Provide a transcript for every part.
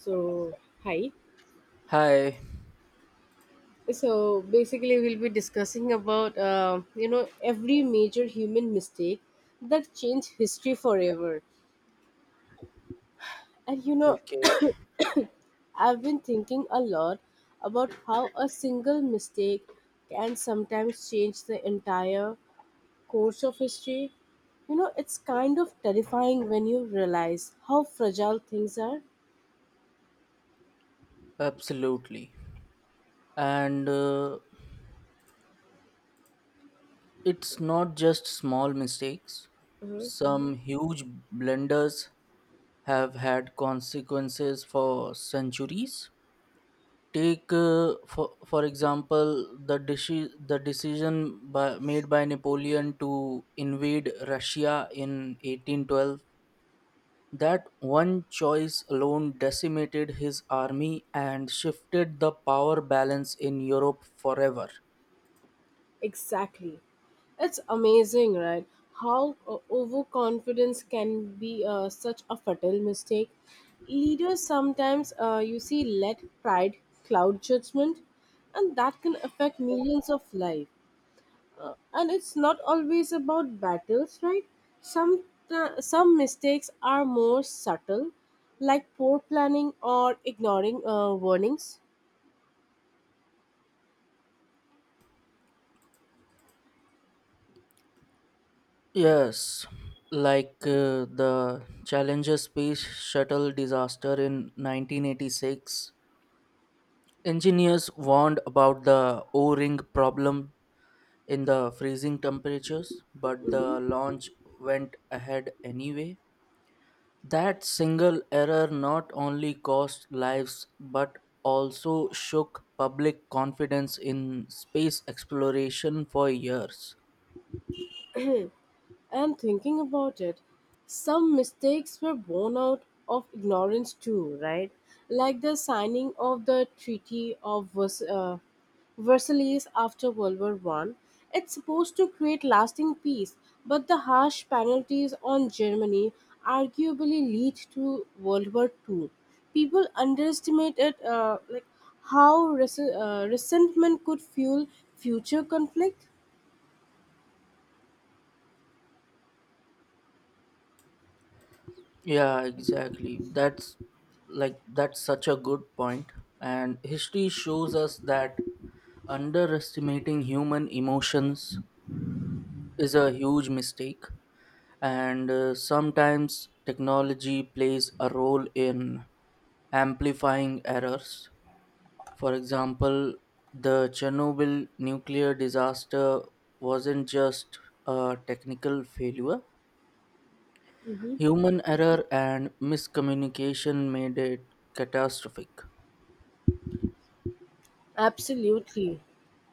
So, hi. Hi. So, basically, we'll be discussing about, every major human mistake that changed history forever. And Okay, I've been thinking a lot about how a single mistake can sometimes change the entire course of history. It's kind of terrifying when you realize how fragile things are. absolutely. And it's not just small mistakes. Some huge blunders have had consequences for centuries. Take, for example, the decision made by Napoleon to invade Russia in 1812. That one choice alone decimated his army and shifted the power balance in Europe forever. Exactly. It's amazing, right? How overconfidence can be such a fatal mistake. Leaders sometimes, you see, let pride cloud judgment, and that can affect millions of lives. And it's not always about battles, right? Some some mistakes are more subtle, like poor planning or ignoring warnings. Yes, like the Challenger space shuttle disaster in 1986. Engineers warned about the O ring problem in the freezing temperatures, but the Mhm. launch went ahead anyway. That single error not only cost lives but also shook public confidence in space exploration for years. And thinking about it, some mistakes were born out of ignorance too, right? Like the signing of the Treaty of Versailles after World War I. It's supposed to create lasting peace, but the harsh penalties on Germany arguably lead to World War II. People underestimated like how resentment could fuel future conflict. Yeah, exactly. That's such a good point. And history shows us that underestimating human emotions is a huge mistake. And sometimes technology plays a role in amplifying errors. For example, the Chernobyl nuclear disaster wasn't just a technical failure. Human error and miscommunication made it catastrophic. Absolutely.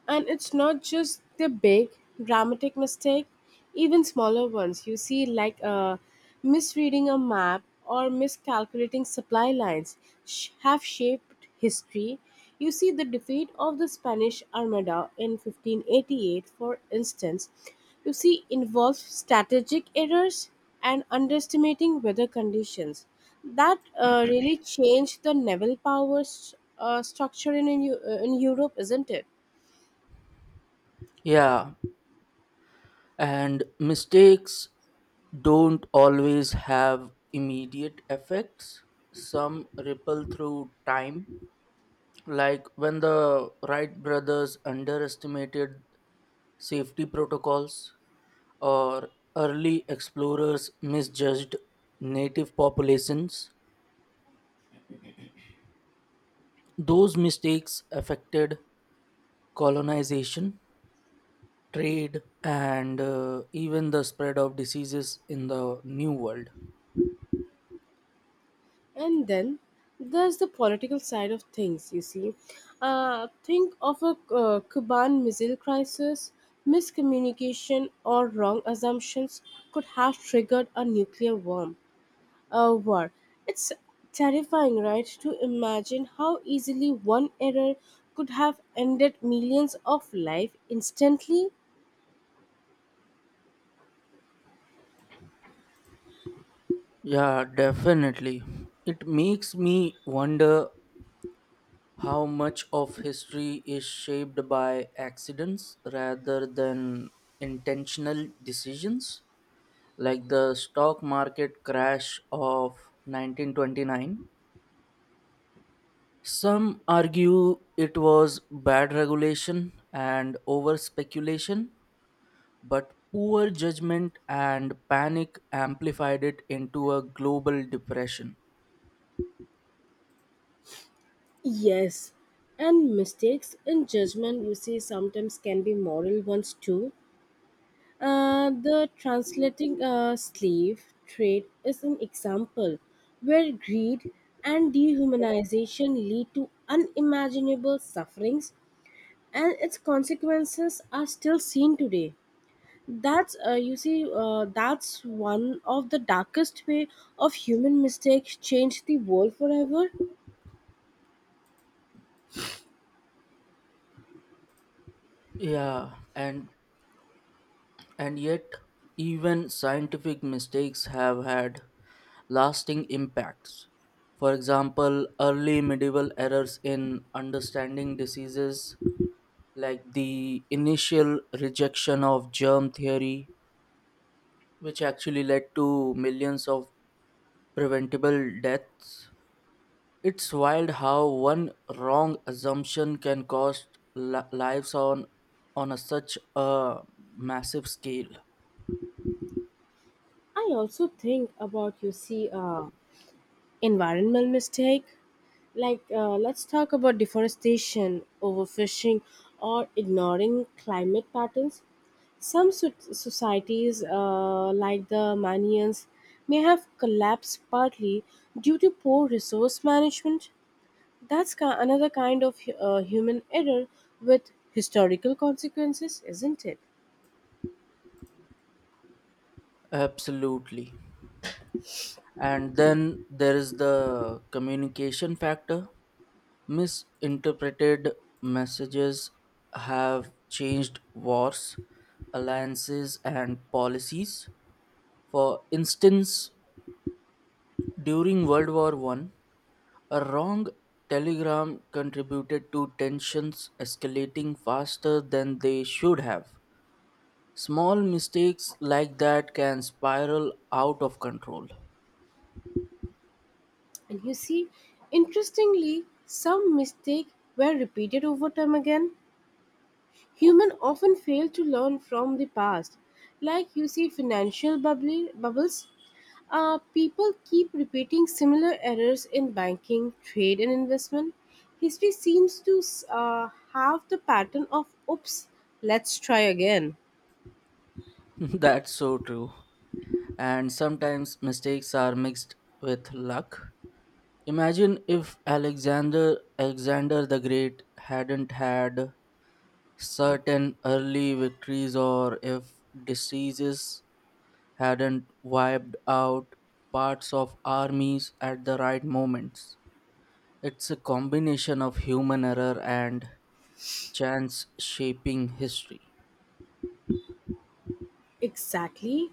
And it's not just the big dramatic mistake, even smaller ones you see, like misreading a map or miscalculating supply lines, have shaped history. You see the defeat of the Spanish Armada in 1588, for instance. You see involved strategic errors and underestimating weather conditions. That really changed the naval power structure in Europe, isn't it? Yeah, and mistakes don't always have immediate effects. Some ripple through time, like when the Wright brothers underestimated safety protocols or early explorers misjudged native populations. Those mistakes affected colonization, trade, and even the spread of diseases in the New World. And then there's the political side of things, you see. Think of a Cuban missile crisis, miscommunication, or wrong assumptions could have triggered a nuclear war. War. It's terrifying, right, to imagine how easily one error could have ended millions of life instantly. Yeah, definitely. It makes me wonder how much of history is shaped by accidents rather than intentional decisions, like the stock market crash of 1929. Some argue it was bad regulation and over speculation, but poor judgment and panic amplified it into a global depression. Yes, and mistakes in judgment you see sometimes can be moral ones too. The translating slave trade is an example where greed and dehumanization lead to unimaginable sufferings, and its consequences are still seen today. That's one of the darkest way of human mistakes change the world forever. Yeah, and yet even scientific mistakes have had lasting impacts. For example, early medieval errors in understanding diseases like the initial rejection of germ theory, which actually led to millions of preventable deaths. It's wild how one wrong assumption can cost lives on a such a massive scale. I also think about you see. Environmental mistake like let's talk about deforestation, overfishing, or ignoring climate patterns. Some societies like the manians may have collapsed partly due to poor resource management. That's another kind of human error with historical consequences, isn't it? Absolutely. And then there is the communication factor. Misinterpreted messages have changed wars, alliances, and policies. For instance, during World War One, a wrong telegram contributed to tensions escalating faster than they should have. Small mistakes like that can spiral out of control. And you see, interestingly, some mistakes were repeated over time again. Humans often fail to learn from the past. Like you see financial bubbles, people keep repeating similar errors in banking, trade, and investment. History seems to have the pattern of oops, let's try again. That's so true. And sometimes mistakes are mixed with luck. Imagine if Alexander the Great hadn't had certain early victories, or if diseases hadn't wiped out parts of armies at the right moments. It's a combination of human error and chance shaping history. Exactly.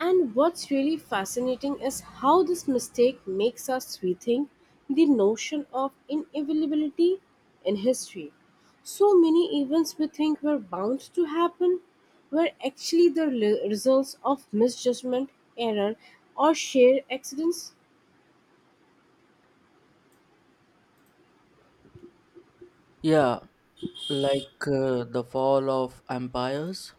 And what's really fascinating is how this mistake makes us rethink the notion of inevitability in history. So many events we think were bound to happen were actually the results of misjudgment, error, or sheer accidents. Yeah, like the fall of empires,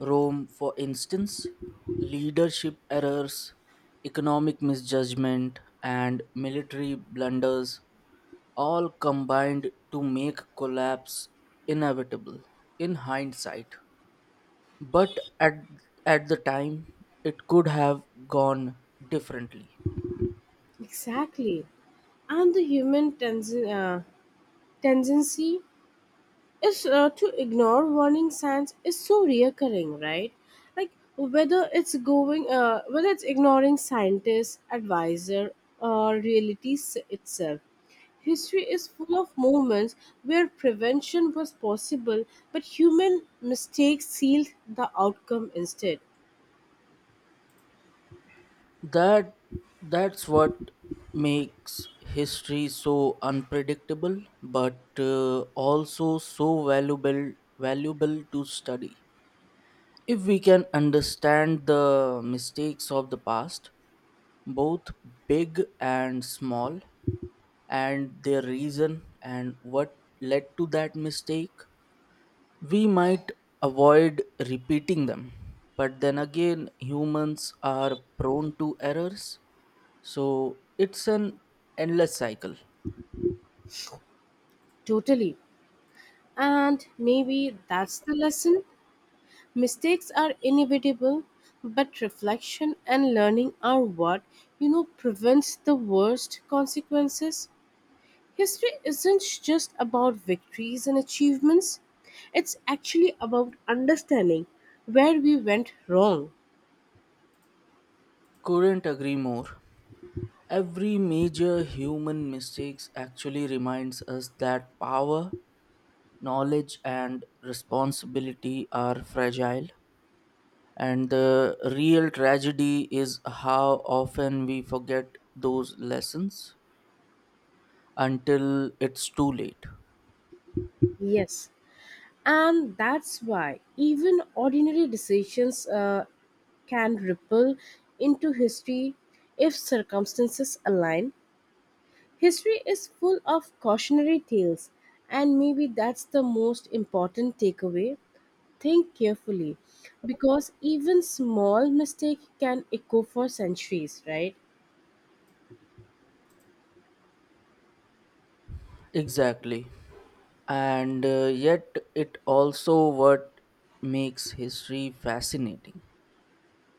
Rome, for instance. Leadership errors, economic misjudgment, and military blunders all combined to make collapse inevitable in hindsight. But at the time, it could have gone differently. Exactly. And the human tendency is to ignore warning signs is so reoccurring, right? Like whether it's ignoring scientists, advisor, or reality itself. History is full of moments where prevention was possible, but human mistakes sealed the outcome instead. That that's what makes history so unpredictable, but also so valuable to study. If we can understand the mistakes of the past, both big and small, and their reason and what led to that mistake, we might avoid repeating them. But then again, humans are prone to errors, so it's an endless cycle. Totally. And maybe that's the lesson. Mistakes are inevitable, but reflection and learning are what prevents the worst consequences. History isn't just about victories and achievements, it's actually about understanding where we went wrong. Couldn't agree more. Every major human mistakes actually reminds us that power, knowledge, and responsibility are fragile, and the real tragedy is how often we forget those lessons until it's too late. Yes, and that's why even ordinary decisions can ripple into history if circumstances align. History is full of cautionary tales, and maybe that's the most important takeaway. Think carefully, because even small mistake can echo for centuries, right? Exactly. and yet it also what makes history fascinating.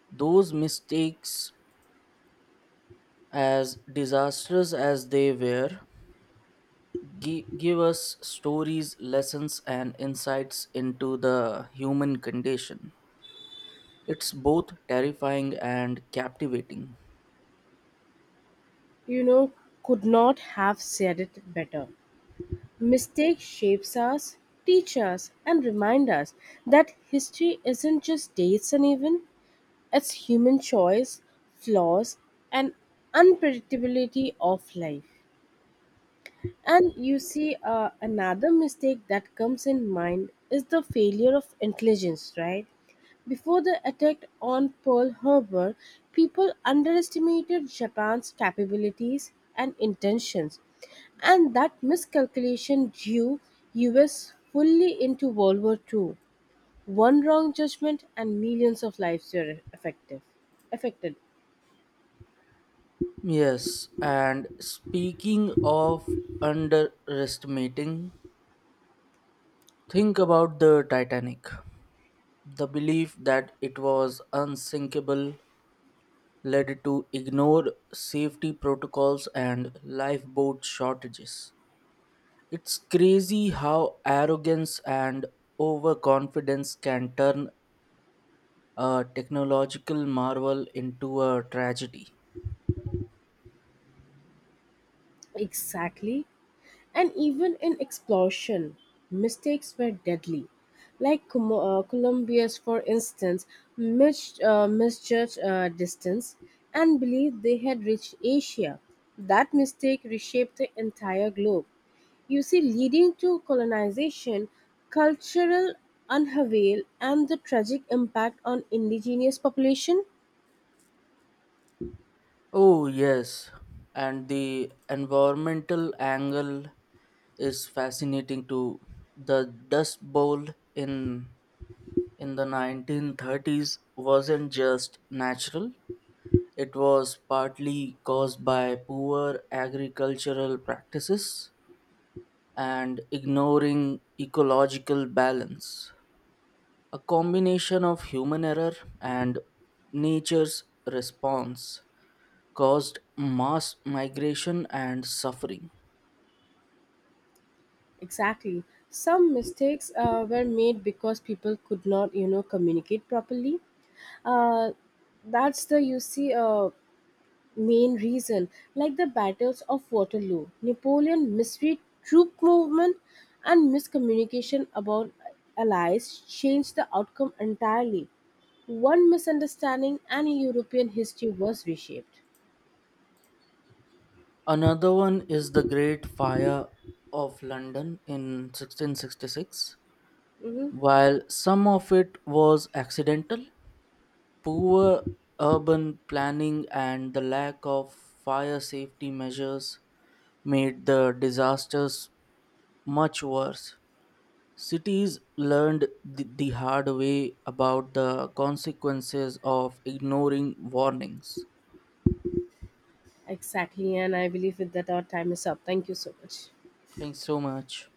Those mistakes, as disastrous as they were, give us stories, lessons, and insights into the human condition. It's both terrifying and captivating. You know, could not have said it better. Mistake shapes us, teach us, and remind us that history isn't just dates and even it's human choice, flaws, and unpredictability of life. And you see, another mistake that comes in mind is the failure of intelligence, right? Before the attack on Pearl Harbor, people underestimated Japan's capabilities and intentions, and that miscalculation drew US fully into World War II. One wrong judgment and millions of lives were affected. Yes, and speaking of underestimating, think about the Titanic. The belief that it was unsinkable led to ignored safety protocols and lifeboat shortages. It's crazy how arrogance and overconfidence can turn a technological marvel into a tragedy. Exactly. And even in explosion, mistakes were deadly. Like Columbia's, for instance, misjudged distance and believed they had reached Asia. That mistake reshaped the entire globe. You see, leading to colonization, cultural unavail, and the tragic impact on indigenous population. Oh yes, and the environmental angle is fascinating too. The Dust Bowl in in the 1930s wasn't just natural. It was partly caused by poor agricultural practices and ignoring ecological balance. A combination of human error and nature's response caused mass migration and suffering. Exactly. Some mistakes were made because people could not, communicate properly. Uh, that's the you see main reason. Like the battles of Waterloo, Napoleon misread troop movement, and miscommunication about allies changed the outcome entirely. One misunderstanding, and European history was reshaped. Another one is the Great Fire of London in 1666. Hmm. While some of it was accidental, poor urban planning and the lack of fire safety measures made the disasters much worse. Cities learned the hard way about the consequences of ignoring warnings. Exactly, and I believe with that our time is up. Thank you so much. Thanks so much.